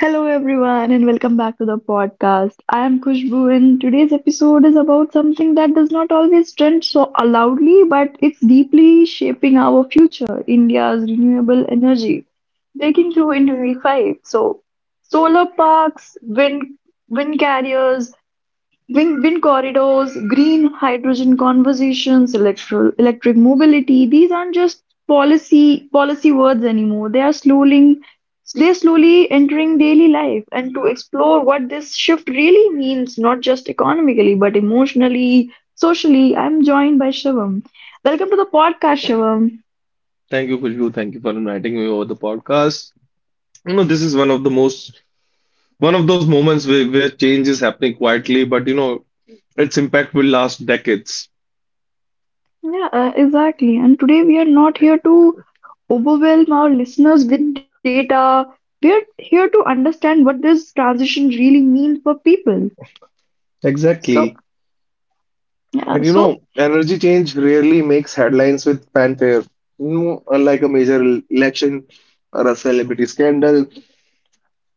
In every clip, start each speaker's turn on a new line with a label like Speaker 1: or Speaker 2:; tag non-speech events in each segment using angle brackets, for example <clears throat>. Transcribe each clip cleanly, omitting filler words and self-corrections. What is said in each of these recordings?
Speaker 1: Hello everyone and welcome back to the podcast. I am Kushbu, and today's episode is about something that does not always trend so loudly but it's deeply shaping our future, India's renewable energy. Breaking through in 2025. So solar parks, wind carriers, Wind corridors, green hydrogen conversations, electric mobility. These aren't just policy words anymore. They are slowly entering daily life. And to explore what this shift really means, not just economically but emotionally, socially, I'm joined by Shivam. Welcome to the podcast, Shivam.
Speaker 2: Thank you, Kushbu. Thank you for inviting me over the podcast. This is one of those moments where, change is happening quietly, but its impact will last decades.
Speaker 1: Yeah, exactly. And today we are not here to overwhelm our listeners with data. We are here to understand what this transition really means for people.
Speaker 2: Exactly.
Speaker 1: So,
Speaker 2: And
Speaker 1: yeah, so,
Speaker 2: energy change rarely makes headlines with fanfare. You know, unlike a major election or a celebrity scandal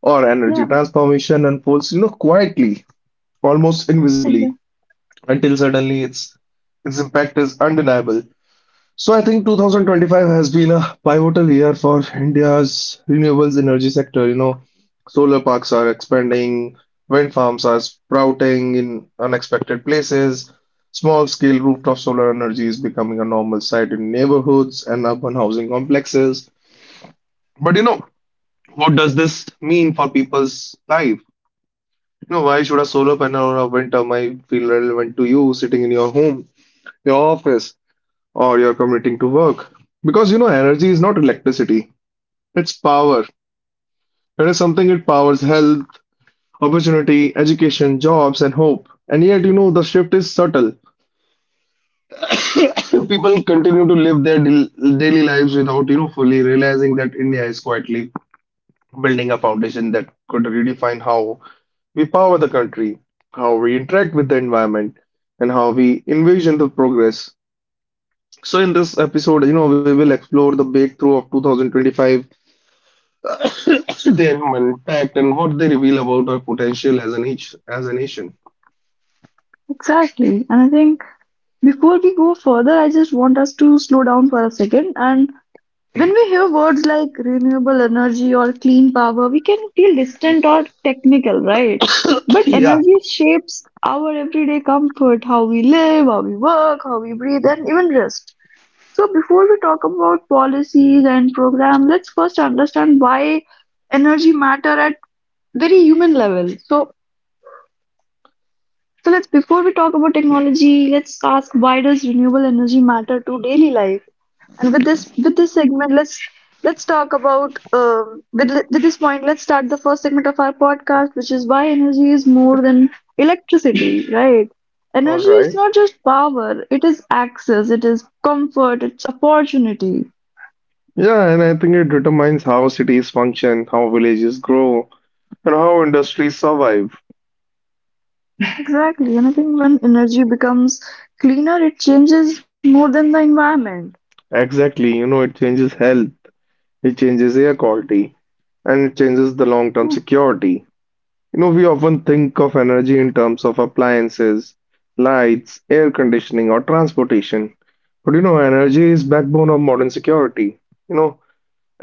Speaker 2: or energy
Speaker 1: yeah,
Speaker 2: transformation unfolds, quietly, almost invisibly,
Speaker 1: exa-
Speaker 2: until suddenly its impact is undeniable. So I think 2025 has been a pivotal year for India's renewables energy sector. You know, solar parks are expanding, wind farms are sprouting in unexpected places, small-scale rooftop solar energy is becoming a normal sight in neighborhoods and urban housing complexes. But what does this mean for people's life? You know, why should a solar panel or a wind turbine feel relevant to you sitting in your home, your office, or you're commuting to work? Because energy is not electricity, it's power. It is something that powers health, opportunity, education, jobs, and hope. And yet, the shift is subtle. <coughs> People continue to live their daily lives without, fully realizing that India is quietly building a foundation that could redefine how we power the country, how we interact with the environment, and how we envision the progress. So in this episode, we will explore the breakthrough of 2025 <coughs> Then impact and what they reveal about our potential as a nation. As a nation.
Speaker 1: exactly. And I think before we go further, I just want us to slow down for a second and when we hear words like renewable energy or clean power, we can feel distant or technical, right?
Speaker 2: <coughs>
Speaker 1: But
Speaker 2: Yeah.
Speaker 1: energy shapes our everyday comfort, how we live, how we work, how we breathe, and even rest. So, before we talk about policies and programs, let's first understand why energy matter at very human level. So, so let's before we talk about technology, let's ask, why does renewable energy matter to daily life? And with this segment, let's talk about with this point. Let's start the first segment of our podcast, which is why energy is more than electricity, right?
Speaker 2: All
Speaker 1: Energy is
Speaker 2: right.
Speaker 1: not just power; it is access, it is comfort, it's opportunity.
Speaker 2: Yeah, and I think it determines how cities function, how villages grow, and how industries survive.
Speaker 1: Exactly, and I think when energy becomes cleaner, it changes more than the environment.
Speaker 2: Exactly, it changes health, it changes air quality, and it changes the long-term security. You know, we often think of energy in terms of appliances, lights, air conditioning, or transportation. But energy is backbone of modern security. You know,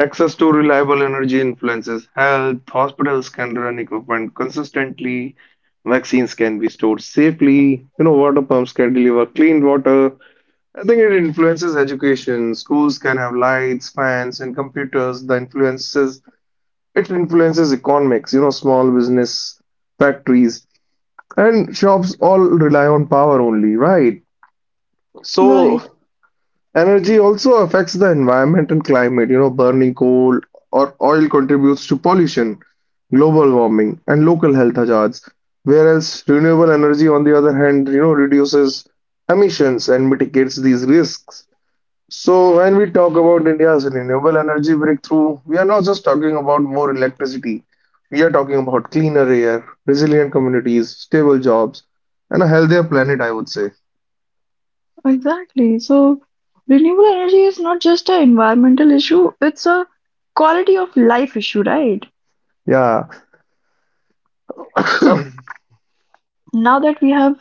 Speaker 2: Access to reliable energy influences health. Hospitals can run equipment consistently. Vaccines can be stored safely. You know, water pumps can deliver clean water. I think it influences education. Schools can have lights, fans, and computers. The influences it influences economics. You know, small business, factories, and shops all rely on power only, right? So
Speaker 1: Right,
Speaker 2: energy also affects the environment and climate. You know, burning coal or oil contributes to pollution, global warming, and local health hazards. Whereas renewable energy, on the other hand, reduces emissions and mitigates these risks. So when we talk about India's renewable energy breakthrough, we are not just talking about more electricity. We are talking about cleaner air, resilient communities, stable jobs, and a healthier planet, I would say.
Speaker 1: exactly. So renewable energy is not just an environmental issue; it's a quality of life issue, right?
Speaker 2: Yeah.
Speaker 1: So now that we have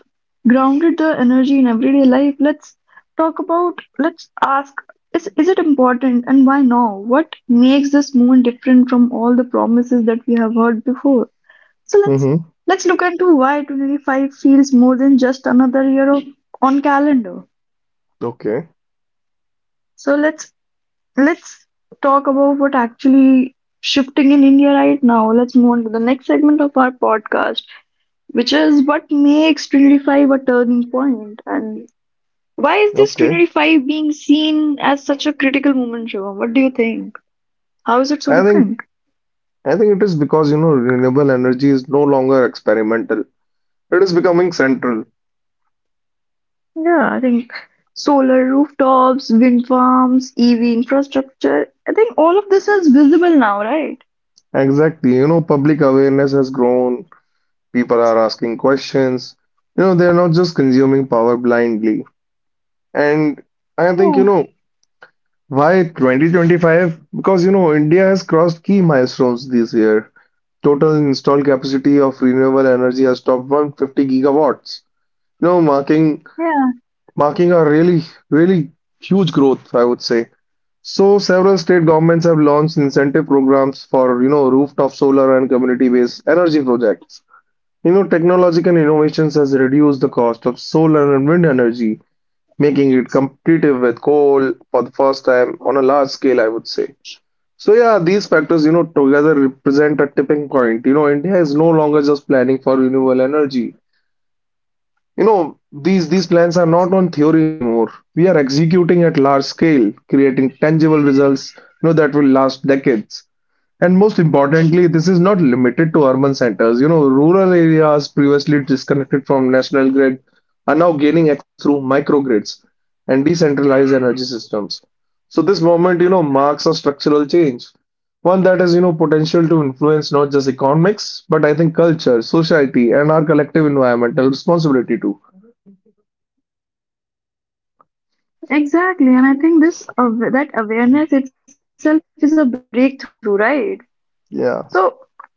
Speaker 1: grounded the energy in everyday life, let's ask, is it important and why now? What makes this movement different from all the promises that we have heard before? So let's
Speaker 2: Mm-hmm.
Speaker 1: let's look into why 2025 feels more than just another year of, on calendar.
Speaker 2: Okay.
Speaker 1: So let's talk about what actually shifting in India right now. Let's move on to the next segment of our podcast, which is what makes 2025 a turning point. And why is this
Speaker 2: Okay.
Speaker 1: Trinity Five being seen as such a critical moment, Shivam? What do you think? How is it so
Speaker 2: I think
Speaker 1: different?
Speaker 2: I think it is because renewable energy is no longer experimental. It is becoming central.
Speaker 1: Yeah, I think solar rooftops, wind farms, EV infrastructure. I think all of this is visible now, right?
Speaker 2: Exactly. You know, public awareness has grown. People are asking questions. You know, they are not just consuming power blindly. And I think,
Speaker 1: Yeah,
Speaker 2: why 2025? Because, India has crossed key milestones this year. Total installed capacity of renewable energy has topped 150 gigawatts. You know, marking
Speaker 1: yeah,
Speaker 2: marking a really, really huge growth, I would say. So several state governments have launched incentive programs for, rooftop solar and community-based energy projects. You know, technological innovations has reduced the cost of solar and wind energy, making it competitive with coal for the first time on a large scale, I would say. So yeah, these factors, together represent a tipping point. You know, India is no longer just planning for renewable energy. These plans are not on theory anymore. We are executing at large scale, creating tangible results, that will last decades. And most importantly, this is not limited to urban centers. You know, rural areas previously disconnected from national grid are now gaining access through microgrids and decentralized energy systems. So this moment, marks a structural change, one that has, potential to influence not just economics, but I think culture, society, and our collective environmental responsibility too.
Speaker 1: exactly. And I think this that awareness itself is a breakthrough, right? So
Speaker 2: Yeah,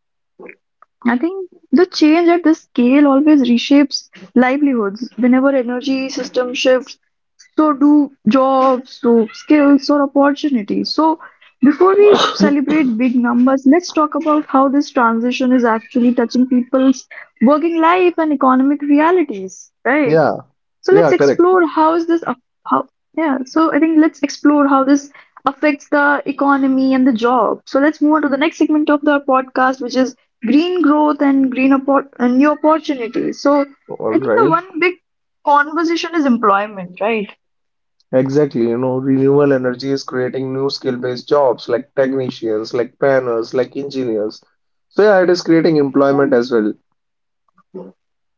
Speaker 1: I think the change at this scale always reshapes livelihoods. Whenever energy system shifts, so do jobs, so skills or opportunities. So before we celebrate big numbers, let's talk about how this transition is actually touching people's working life and economic realities, right?
Speaker 2: yeah,
Speaker 1: So let's
Speaker 2: yeah, correct.
Speaker 1: explore how is this aff- how yeah. So I think let's explore how this affects the economy and the job. So let's move on to the next segment of the podcast, which is green growth and new opportunities. So
Speaker 2: All
Speaker 1: I think the
Speaker 2: right,
Speaker 1: one big conversation is employment, right?
Speaker 2: exactly. You know, renewable energy is creating new skill-based jobs like technicians, like planners, like engineers. So, yeah, it is creating employment
Speaker 1: Hmm.
Speaker 2: as well.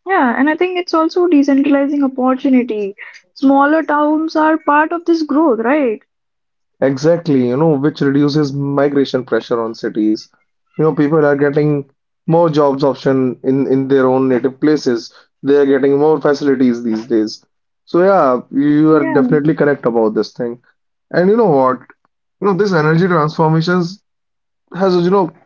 Speaker 1: Yeah, and I think it's also decentralizing opportunity. Smaller towns are part of this growth, right?
Speaker 2: Exactly, which reduces migration pressure on cities. You know, people are getting more jobs option in their own native places. They are getting more facilities these days. So, yeah, you are
Speaker 1: Yeah,
Speaker 2: definitely correct about this thing. And you know what? This energy transformations has, you know,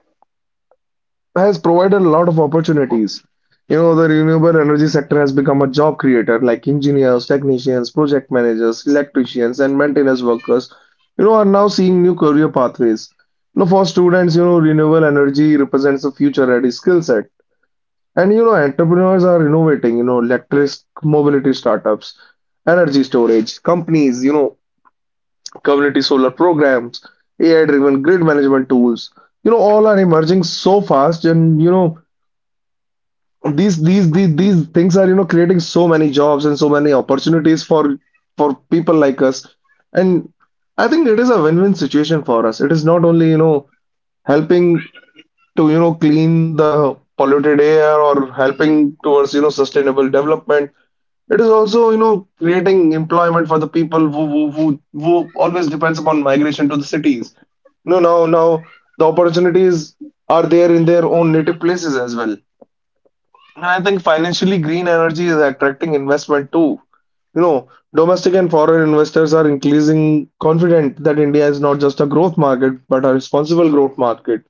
Speaker 2: has provided a lot of opportunities. The renewable energy sector has become a job creator, like engineers, technicians, project managers, electricians, and maintenance workers, are now seeing new career pathways. For students, renewable energy represents a future ready skill set. And, entrepreneurs are innovating, electric mobility startups, energy storage companies, community solar programs, AI driven grid management tools, all are emerging so fast and, you know, these things are creating so many jobs and so many opportunities for people like us and I think it is a win-win situation for us. It is not only helping to clean the polluted air or helping towards sustainable development. It is also creating employment for the people who always depends upon migration to the cities. No, now now the opportunities are there in their own native places as well. And I think financially green energy is attracting investment too. You know, domestic and foreign investors are increasing confident that India is not just a growth market, but a responsible growth market.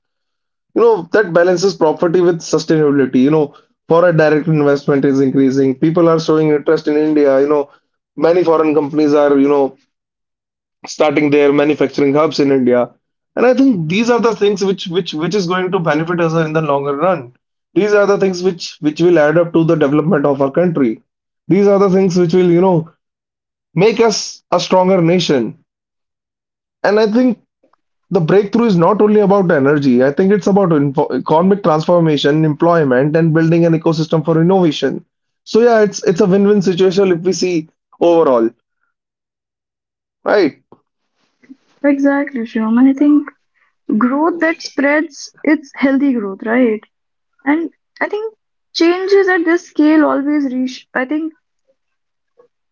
Speaker 2: You know, that balances property with sustainability. You know, foreign direct investment is increasing. People are showing interest in India. You know, many foreign companies are, starting their manufacturing hubs in India. And I think these are the things which is going to benefit us in the longer run. These are the things which will add up to the development of our country. These are the things which will, make us a stronger nation. And I think the breakthrough is not only about energy. I think it's about info economic transformation, employment, and building an ecosystem for innovation. So yeah, it's a win-win situation if we see overall, right?
Speaker 1: yeah, exactly, Shyam. And I think growth that spreads, it's healthy growth, right? And I think changes at this scale always reach, I think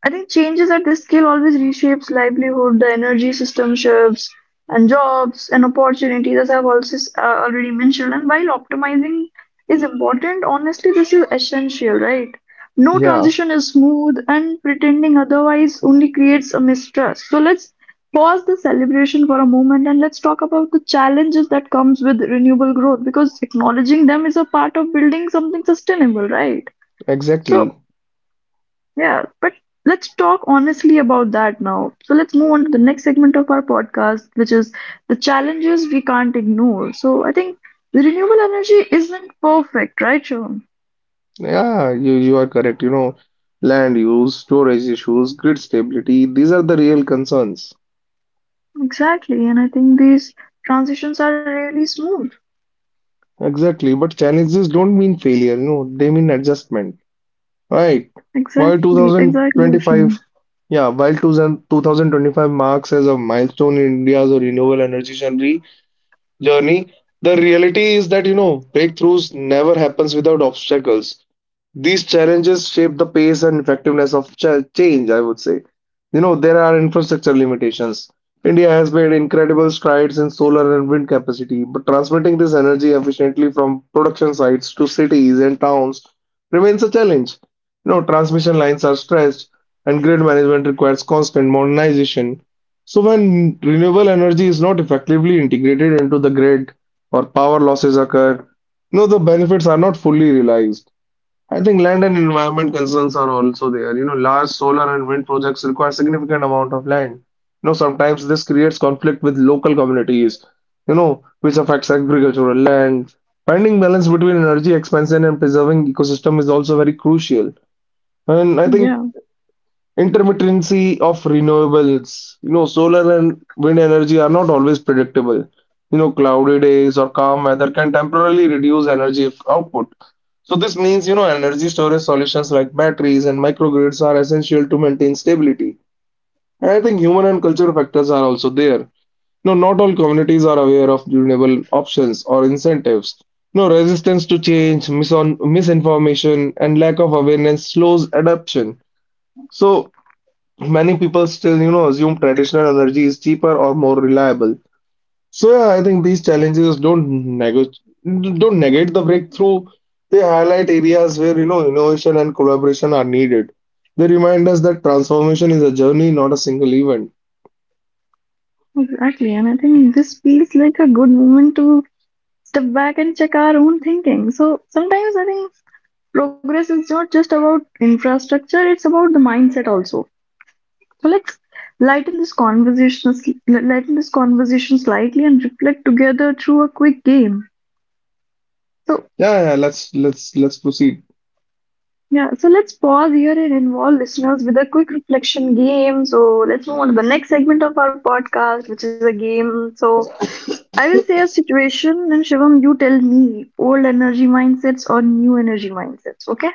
Speaker 1: I think changes at this scale always reshapes livelihood, the energy system shifts, and jobs and opportunities, as I've also already mentioned. And while optimizing is important, honestly, this is essential, right? No
Speaker 2: Yeah,
Speaker 1: transition is smooth, and pretending otherwise only creates a mistrust. So let's pause the celebration for a moment and let's talk about the challenges that comes with renewable growth, because acknowledging them is a part of building something sustainable, right? So
Speaker 2: exactly.
Speaker 1: yeah, but let's talk honestly about that now. So let's move on to the next segment of our podcast, which is the challenges we can't ignore. So I think the renewable energy isn't perfect, right, Sean?
Speaker 2: Yeah, you are correct. You know, land use, storage issues, grid stability, these are the real concerns.
Speaker 1: Exactly, and I think these transitions are really smooth.
Speaker 2: Exactly, but challenges don't mean failure, they mean adjustment. Right.
Speaker 1: Exactly,
Speaker 2: While
Speaker 1: exactly, Sean.
Speaker 2: 2025, yeah, while 2025 marks as a milestone in India's renewable energy journey. The reality is that, breakthroughs never happens without obstacles. These challenges shape the pace and effectiveness of change, I would say. There are infrastructure limitations. India has made incredible strides in solar and wind capacity, but transmitting this energy efficiently from production sites to cities and towns remains a challenge. You know, transmission lines are stretched, and grid management requires constant modernization. So when renewable energy is not effectively integrated into the grid or power losses occur, no, the benefits are not fully realized. I think land and environment concerns are also there. You know, large solar and wind projects require significant amount of land. You know, sometimes this creates conflict with local communities, which affects agricultural land. Finding balance between energy expansion and preserving ecosystem is also very crucial. And I think
Speaker 1: Yeah,
Speaker 2: intermittency of renewables. You know, solar and wind energy are not always predictable. You know, cloudy days or calm weather can temporarily reduce energy output. So this means, energy storage solutions like batteries and microgrids are essential to maintain stability. And I think human and cultural factors are also there. No, not all communities are aware of renewable options or incentives. No, resistance to change, misun misinformation, and lack of awareness slows adoption. So many people still, assume traditional energy is cheaper or more reliable. So yeah, I think these challenges don't negate the breakthrough. They highlight areas where, innovation and collaboration are needed. They remind us that transformation is a journey, not a single event.
Speaker 1: exactly, and I think this feels like a good moment to step back and check our own thinking. So sometimes I think progress is not just about infrastructure; it's about the mindset also. So let's lighten this conversation, lighten this conversation slightly and reflect together through a quick game. So
Speaker 2: Yeah, yeah, let's proceed.
Speaker 1: yeah, so let's pause here and involve listeners with a quick reflection game. So let's move on to the next segment of our podcast, which is a game. So I will say a situation, and Shivam, you tell me old energy mindsets or new energy mindsets. Okay?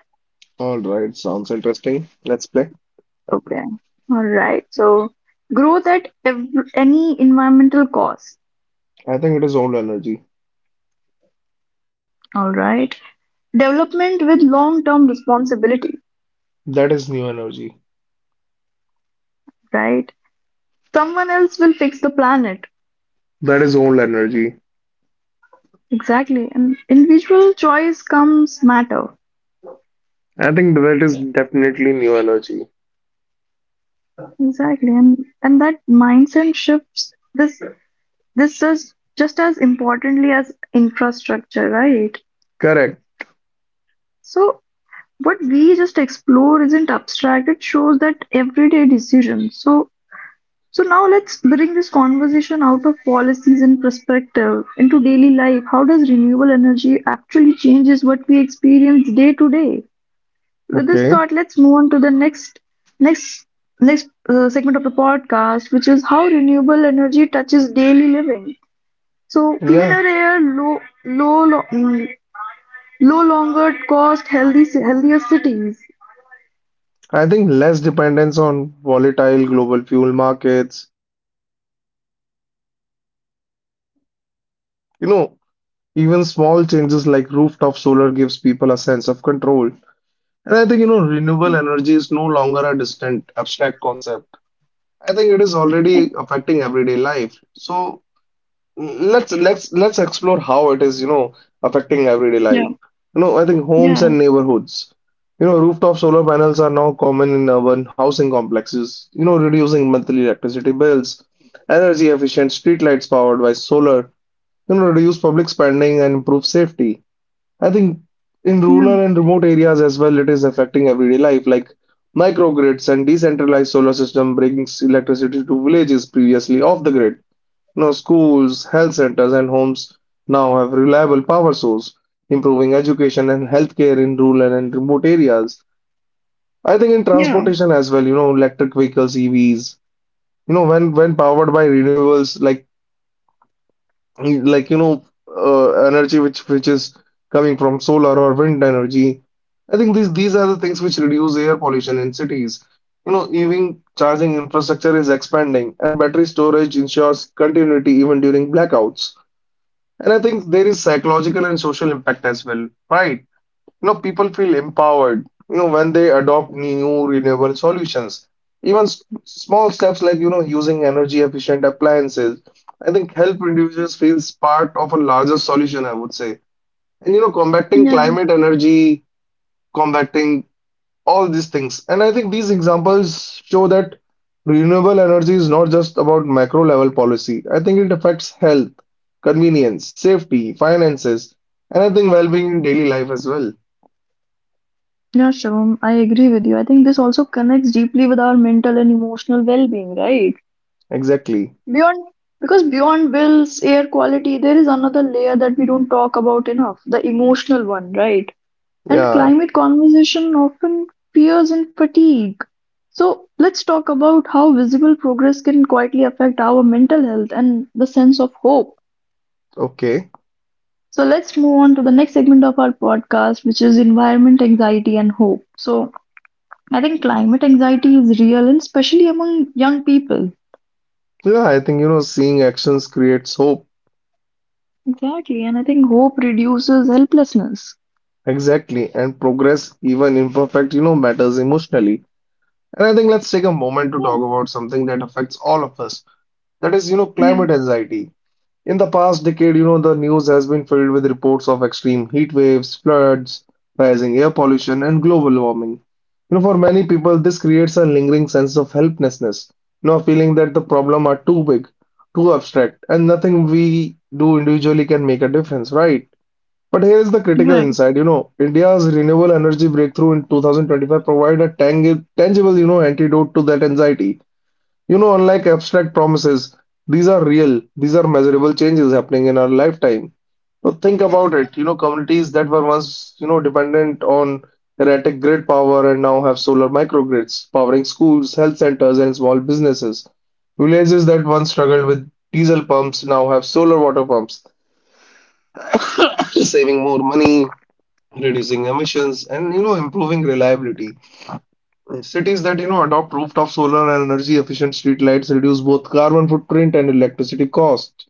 Speaker 2: All right, sounds interesting. Let's play.
Speaker 1: Okay. All right. So growth at ev any environmental cost.
Speaker 2: I think it is old energy.
Speaker 1: All right. Development with long term responsibility,
Speaker 2: That is new energy.
Speaker 1: right? Someone else will fix the planet.
Speaker 2: That is old energy.
Speaker 1: Exactly. And individual choice comes matter.
Speaker 2: I think that is definitely new energy.
Speaker 1: Exactly. And that mindset shifts this this is just as importantly as infrastructure, right?
Speaker 2: Correct.
Speaker 1: So what we just explore isn't abstract, it shows that everyday decision. So so now let's bring this conversation out of policies and perspective into daily life. How does renewable energy actually changes what we experience day to day? With this
Speaker 2: Okay.
Speaker 1: thought, let's move on to the next next segment of the podcast, which is how renewable energy touches daily living. So
Speaker 2: Yeah.
Speaker 1: cleaner air, low lo- mm, low longer cost, healthy healthier cities.
Speaker 2: I think less dependence on volatile global fuel markets. You know, Even small changes like rooftop solar gives people a sense of control. And I think, renewable energy is no longer a distant, abstract concept. I think it is
Speaker 1: Yeah,
Speaker 2: already affecting everyday life. So let's explore how it is affecting everyday life. I think
Speaker 1: yeah,
Speaker 2: homes and neighborhoods, rooftop solar panels are now common in urban housing complexes, reducing monthly electricity bills. Energy efficient streetlights powered by solar, reduce public spending and improve safety. I think in rural and remote areas as well, it is affecting everyday life, like microgrids and decentralized solar system brings electricity to villages previously off the grid. No, schools, health centers and homes now have reliable power source, improving education and healthcare in rural and remote areas. I think in
Speaker 1: yeah.
Speaker 2: transportation as well, you know, electric vehicles, EVs, you know, when powered by renewables, like like you know, energy which is coming from solar or wind energy. I think these are the things which reduce air pollution in cities. You know, even charging infrastructure is expanding, and battery storage ensures continuity even during blackouts. And I think there is psychological and social impact as well, right? You know, people feel empowered, you know, when they adopt new renewable solutions. Even small steps like, you know, using energy efficient appliances, I think help reduces feels part of a larger solution, I would say. And, you know, combating
Speaker 1: Yeah.
Speaker 2: climate energy, combating all these things. And I think these examples show that renewable energy is not just about macro level policy. I think it affects health, convenience, safety, finances, and I think well-being in daily life as well.
Speaker 1: Yeah, Shivam, I agree with you. I think this also connects deeply with our mental and emotional well-being, right?
Speaker 2: Exactly.
Speaker 1: Beyond, because beyond bills, air quality, there is another layer that we don't talk about enough, the emotional one, right? And
Speaker 2: Yeah.
Speaker 1: climate conversation often fears and fatigue. So let's talk about how visible progress can quietly affect our mental health and the sense of hope.
Speaker 2: Okay.
Speaker 1: So let's move on to the next segment of our podcast, which is environment, anxiety, and hope. So I think climate anxiety is real and especially among young people.
Speaker 2: So, yeah, I think seeing actions creates hope.
Speaker 1: Exactly, and I think hope reduces helplessness.
Speaker 2: Exactly. And progress, even imperfect, matters emotionally. And I think let's take a
Speaker 1: Yeah,
Speaker 2: moment to talk about something that affects all of us. That is, you know,
Speaker 1: yeah,
Speaker 2: climate anxiety. In the past decade, you know, the news has been filled with reports of extreme heat waves, floods, rising air pollution, and global warming. You know, for many people, this creates a lingering sense of helplessness, you know, a feeling that the problem are too big, too abstract, and nothing we do individually can make a difference, right? But here is the critical
Speaker 1: right.
Speaker 2: insight, you know, India's renewable energy breakthrough in 2025 provided a tangible, you know, antidote to that anxiety. You know, unlike abstract promises, these are real, these are measurable changes happening in our lifetime. Now think about it, you know, communities that were once, you know, dependent on erratic grid power and now have solar microgrids powering schools, health centers, and small businesses. Villages that once struggled with diesel pumps now have solar water pumps, <coughs> saving more money, reducing emissions, and, you know, improving reliability. Cities that adopt rooftop solar and energy efficient street lights reduce both carbon footprint and electricity cost.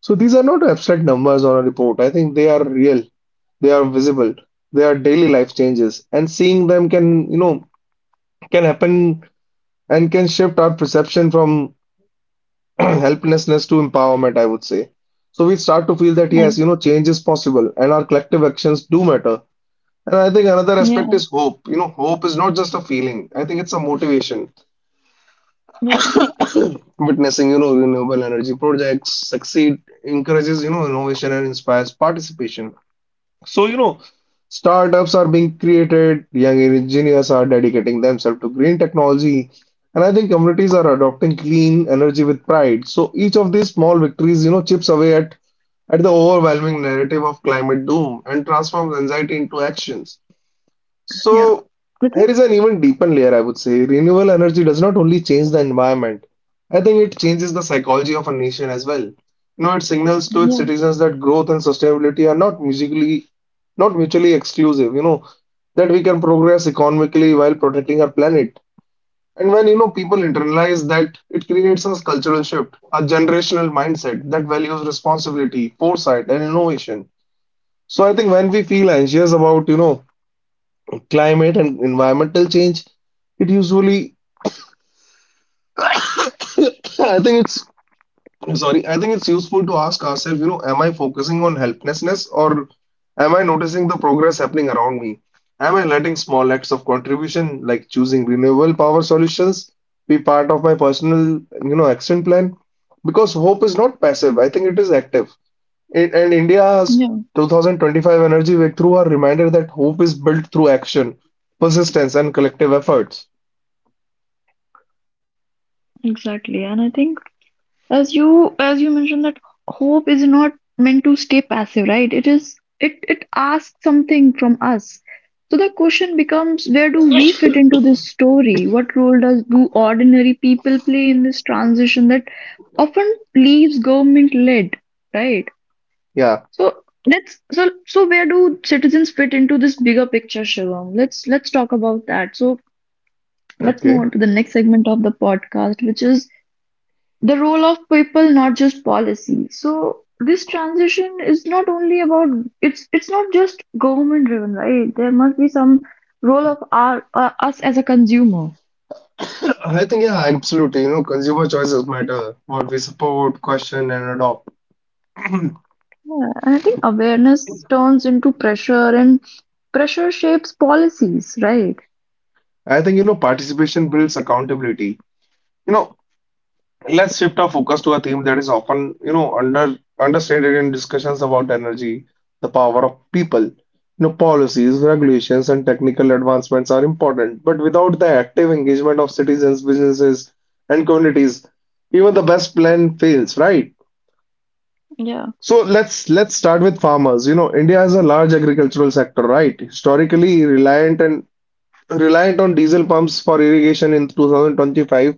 Speaker 2: So these are not abstract numbers on a report. I think they are real. They are visible. They are daily life changes, and seeing them can you know can happen and can shift our perception from <clears throat> helplessness to empowerment, I would say. So we start to feel that,
Speaker 1: I
Speaker 2: yes, you know, change is possible, and our collective actions do matter. And I think another aspect
Speaker 1: yeah,
Speaker 2: is hope. You know, hope is not just a feeling. I think it's a motivation.
Speaker 1: yeah,
Speaker 2: Witnessing, you know, renewable energy projects succeed encourages, you know, innovation and inspires participation. So, you know, startups are being created, young engineers are dedicating themselves to green technology, and I think communities are adopting clean energy with pride. So each of these small victories, you know, chips away at the overwhelming narrative of climate doom and transforms anxiety into actions.
Speaker 1: yeah.
Speaker 2: So
Speaker 1: I
Speaker 2: here
Speaker 1: think
Speaker 2: is an even deeper layer, I would say. Renewable energy does not only change the environment. I think it changes the psychology of a nation as well. You know, it signals to its
Speaker 1: yeah,
Speaker 2: citizens that growth and sustainability are not musically, not mutually exclusive. You know, that we can progress economically while protecting our planet. And when people internalize that, it creates a cultural shift, a generational mindset that values responsibility, foresight, and innovation. So I think when we feel anxious about, you know, climate and environmental change, it usually, <coughs> I think it's, sorry, I think it's useful to ask ourselves, you know, am I focusing on helplessness, or am I noticing the progress happening around me? Am I letting small acts of contribution, like choosing renewable power solutions, be part of my personal, you know, action plan? Because hope is not passive, I think it is active. And India's
Speaker 1: Yeah, yeah.
Speaker 2: 2025 Energy Breakthrough are reminder that hope is built through action, persistence, and collective efforts.
Speaker 1: Exactly, and I think, as you mentioned, that hope is not meant to stay passive, right? It is it asks something from us. So the question becomes, where do we fit into this story? What role does do ordinary people play in this transition that often leaves government led, right?
Speaker 2: Yeah.
Speaker 1: So let's so so where do citizens fit into this bigger picture, Shivam? Let's talk about that. So
Speaker 2: Okay.
Speaker 1: let's move on to the next segment of the podcast, which is the role of people, not just policy. So this transition is not only about, it's not just government driven, right? There must be some role of our us as a consumer.
Speaker 2: <coughs> I think, yeah, absolutely. You know, consumer choices matter. What we support, question, and adopt.
Speaker 1: And I think awareness turns into pressure, and pressure shapes policies, right?
Speaker 2: I think, you know, participation builds accountability. You know, let's shift our focus to a theme that is often, you know, understated in discussions about energy, the power of people. You know, policies, regulations, and technical advancements are important, but without the active engagement of citizens, businesses, and communities, even the best plan fails, right?
Speaker 1: Yeah,
Speaker 2: So let's start with farmers. You know, India has a large agricultural sector, right? Historically reliant on diesel pumps for irrigation in 2025.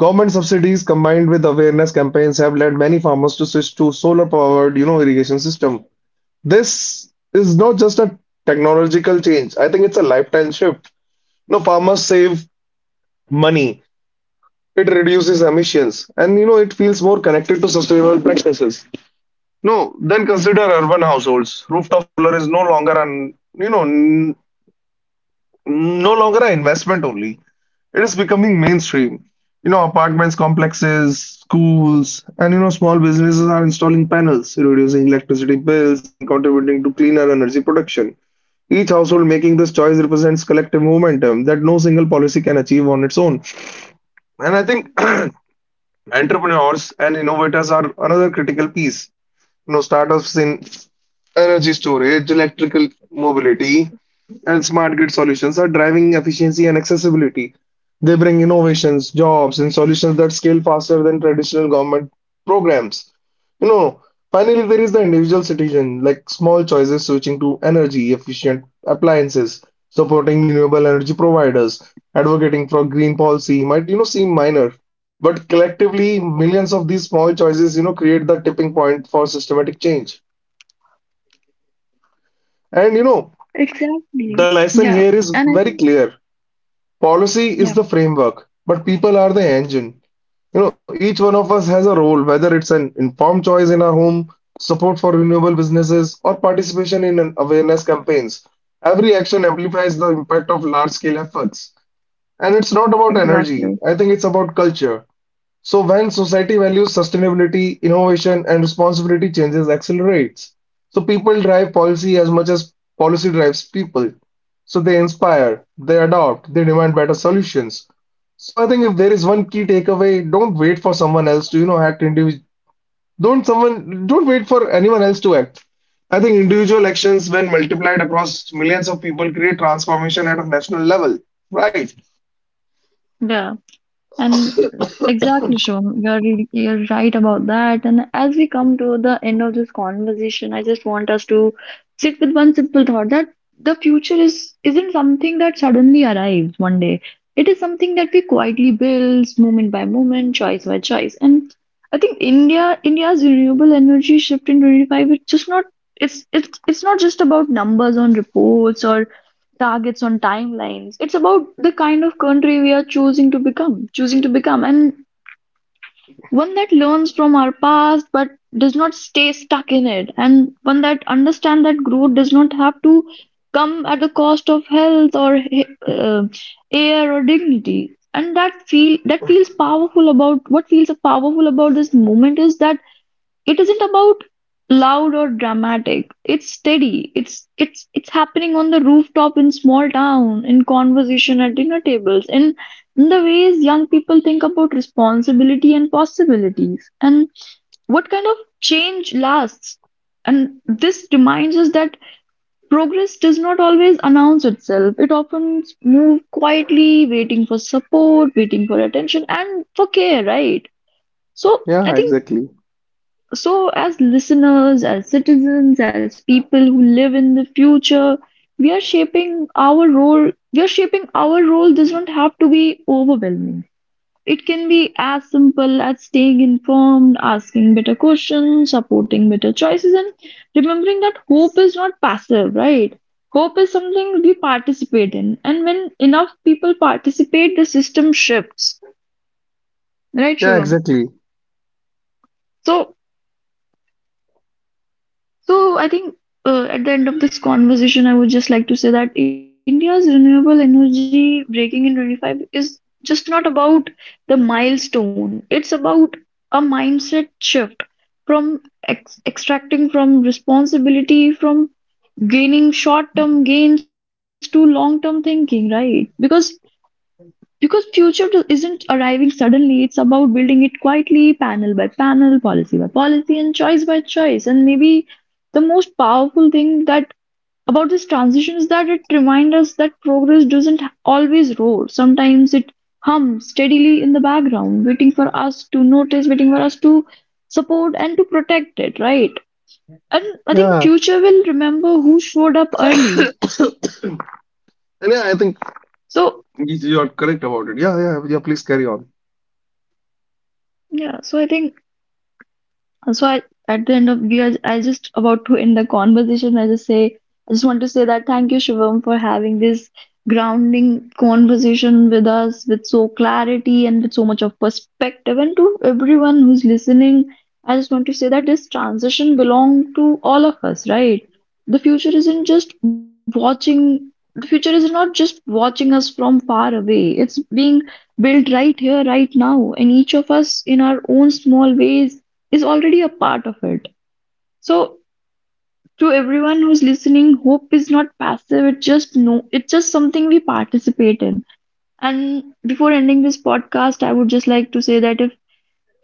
Speaker 2: Government subsidies combined with awareness campaigns have led many farmers to switch to solar powered, you know, irrigation system. This is not just a technological change. I think it's a lifetime shift. You know, farmers save money. It reduces emissions, and you know, it feels more connected to sustainable practices. No, then consider urban households. Rooftop solar is no longer an, no longer an investment only. It is becoming mainstream. You know, apartments, complexes, schools, and you know, small businesses are installing panels, reducing electricity bills and contributing to cleaner energy production. Each household making this choice represents collective momentum that no single policy can achieve on its own. And I think <clears throat> entrepreneurs and innovators are another critical piece. No, startups in energy storage, electrical mobility, and smart grid solutions are driving efficiency and accessibility. They bring innovations, jobs, and solutions that scale faster than traditional government programs. You know, finally, there is the individual citizen, like small choices switching to energy efficient appliances, supporting renewable energy providers, advocating for green policy might, you know, seem minor, but collectively, millions of these small choices, you know, create the tipping point for systematic change. And you know,
Speaker 1: exactly.
Speaker 2: the lesson
Speaker 1: Yeah,
Speaker 2: here is
Speaker 1: and I
Speaker 2: very
Speaker 1: think
Speaker 2: clear. Policy is
Speaker 1: yeah,
Speaker 2: the framework, but people are the engine. You know, each one of us has a role, whether it's an informed choice in our home, support for renewable businesses, or participation in an awareness campaigns. Every action amplifies the impact of large-scale efforts. And it's not about energy.
Speaker 1: exactly
Speaker 2: I think it's about culture. So when society values sustainability, innovation and responsibility changes accelerates. So people drive policy as much as policy drives people. So they inspire, they adopt, they demand better solutions. So I think if there is one key takeaway, don't wait for someone else to, you know, act individual. Don't wait for anyone else to act. I think individual actions, when multiplied across millions of people, create transformation at a national level. Right.
Speaker 1: yeah. And exactly, Shom, you're right about that. And as we come to the end of this conversation, I just want us to sit with one simple thought, that the future is isn't something that suddenly arrives one day. It is something that we quietly build, moment by moment, choice by choice. And I think India's renewable energy shift in 25, it's just not it's it's not just about numbers on reports or targets on timelines. It's about the kind of country we are choosing to become, and one that learns from our past but does not stay stuck in it, and one that understands that growth does not have to come at the cost of health or uh, air or dignity. And that feels powerful about this moment is that it isn't about loud or dramatic. It's steady. It's happening on the rooftop in small town, in conversation at dinner tables, in the ways young people think about responsibility and possibilities, and what kind of change lasts. And this reminds us that progress does not always announce itself. It often moves quietly, waiting for support, waiting for attention, and for care, right? So
Speaker 2: Yeah,
Speaker 1: I think
Speaker 2: exactly.
Speaker 1: so, as listeners, as citizens, as people who live in the future, We are shaping our role does not have to be overwhelming. It can be as simple as staying informed, asking better questions, supporting better choices, and remembering that hope is not passive, right? Hope is something we participate in. And when enough people participate, the system shifts, right,
Speaker 2: Yeah,
Speaker 1: Shivam?
Speaker 2: exactly.
Speaker 1: So, so I think at the end of this conversation, I would just like to say that India's renewable energy breaking in 25 is just not about the milestone. It's about a mindset shift from ex extracting from responsibility, from gaining short-term gains to long-term thinking, right? Because future isn't arriving suddenly. It's about building it quietly, panel by panel, policy by policy, and choice by choice. And maybe the most powerful thing that about this transition is that it reminds us that progress doesn't always roar. Sometimes it hums steadily in the background, waiting for us to notice, waiting for us to support and to protect it, right? And I
Speaker 2: Yeah.
Speaker 1: think future will remember who showed up
Speaker 2: <coughs>
Speaker 1: early.
Speaker 2: And yeah, I think
Speaker 1: So
Speaker 2: yes, you are correct about it. Yeah, yeah, yeah. Please carry on.
Speaker 1: yeah, so I think So I, at the end of we are I just about to end the conversation. I just want to say that thank you, Shivam, for having this grounding conversation with us with so clarity and with so much of perspective. And to everyone who's listening, I just want to say that this transition belong to all of us, right? The future isn't just watching. The future is not just watching us from far away. It's being built right here, right now, and each of us in our own small ways is already a part of it. So to everyone who's listening, hope is not passive. It just no It's just something we participate in. And before ending this podcast, I would just like to say that if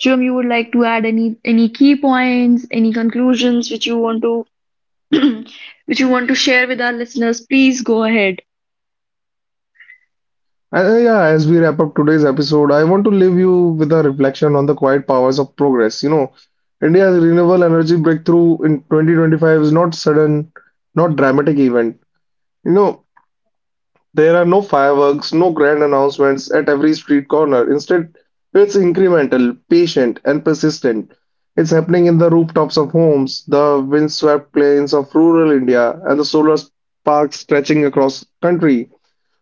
Speaker 1: Jim you would like to add any key points, any conclusions which you want to, <clears throat> which you want to share with our listeners, please go ahead.
Speaker 2: Yeah, as we wrap up today's episode, I want to leave you with a reflection on the quiet powers of progress. You know, India's renewable energy breakthrough in 2025 is not sudden, not dramatic event. You know, there are no fireworks, no grand announcements at every street corner. Instead, it's incremental, patient, and persistent. It's happening in the rooftops of homes, the windswept plains of rural India, and the solar sparks stretching across country.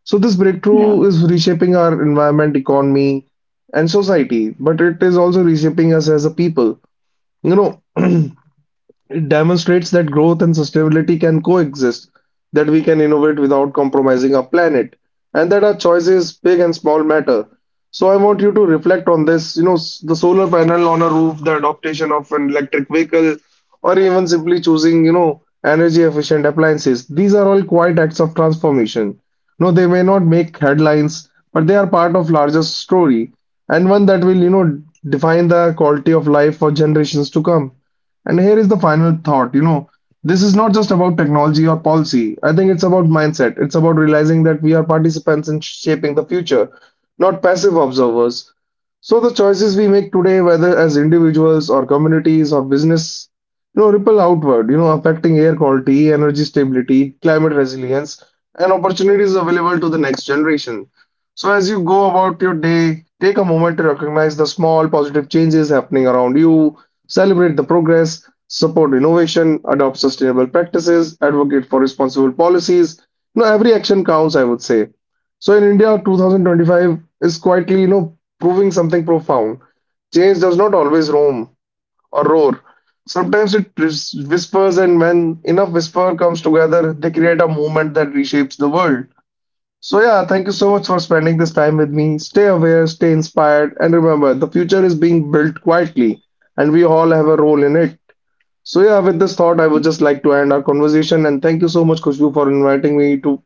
Speaker 2: So this breakthrough
Speaker 1: Yeah.
Speaker 2: is reshaping our environment, economy, and society, but it is also reshaping us as a people. You know, it demonstrates that growth and sustainability can coexist, that we can innovate without compromising our planet, and that our choices, big and small, matter. So I want you to reflect on this, the solar panel on a roof, the adoption of an electric vehicle, or even simply choosing, you know, energy efficient appliances. These are all quiet acts of transformation. No, they may not make headlines, but they are part of larger story, and one that will, you know, define the quality of life for generations to come. And here is the final thought. You know, this is not just about technology or policy. I think it's about mindset. It's about realizing that we are participants in shaping the future, not passive observers. So the choices we make today, whether as individuals or communities or business, you know, ripple outward, you know, affecting air quality, energy stability, climate resilience, and opportunities available to the next generation. So as you go about your day, take a moment to recognize the small positive changes happening around you, celebrate the progress, support innovation, adopt sustainable practices, advocate for responsible policies. You know, every action counts, I would say. So in India, 2025 is quietly, you know, proving something profound. Change does not always roam or roar. Sometimes it whispers, and when enough whisper comes together, they create a movement that reshapes the world. So, yeah, thank you so much for spending this time with me. Stay aware, stay inspired, and remember the future is being built quietly, and we all have a role in it. So, yeah, with this thought, I would just like to end our conversation. And thank you so much, Kushbu, for inviting me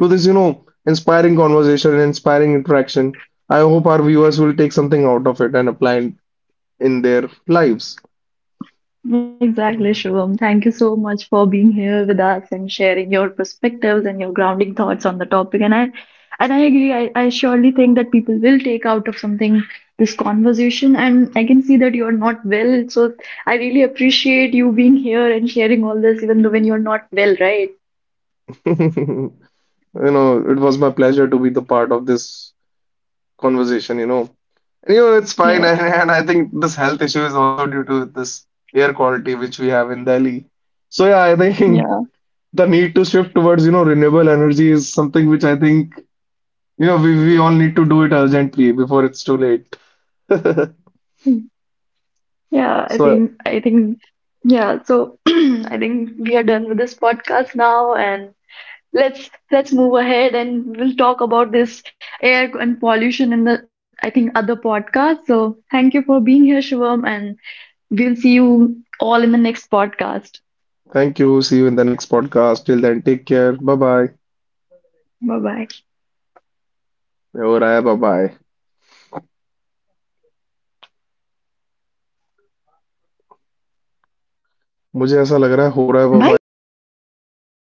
Speaker 2: to this, you know, inspiring conversation and inspiring interaction. I hope our viewers will take something out of it and apply it in their lives.
Speaker 1: Exactly, Shubham. Thank you so much for being here with us and sharing your perspectives and your grounding thoughts on the topic. And I agree. I surely think that people will take out of something this conversation. And I can see that you're not well. So I really appreciate you being here and sharing all this, even though when you're not well, right?
Speaker 2: <laughs> You know, it was my pleasure to be the part of this conversation, you know. You know, it's fine. <laughs>
Speaker 1: Yeah,
Speaker 2: And I think this health issue is also due to this air quality which we have in Delhi. So yeah, I think
Speaker 1: yeah.
Speaker 2: <laughs> the need to shift towards, you know, renewable energy is something which I think, you know, we all need to do it urgently before it's too late. <laughs>
Speaker 1: Yeah, I
Speaker 2: So
Speaker 1: think I think yeah, so <clears throat> I think we are done with this podcast now, and let's move ahead, and we'll talk about this air and pollution in the I think other podcast. So thank you for being here, Shivam, and we'll see you all in the next podcast.
Speaker 2: thank you. See you in the next podcast. Till then, take care. Bye bye.
Speaker 1: Bye bye.
Speaker 2: Bye bye.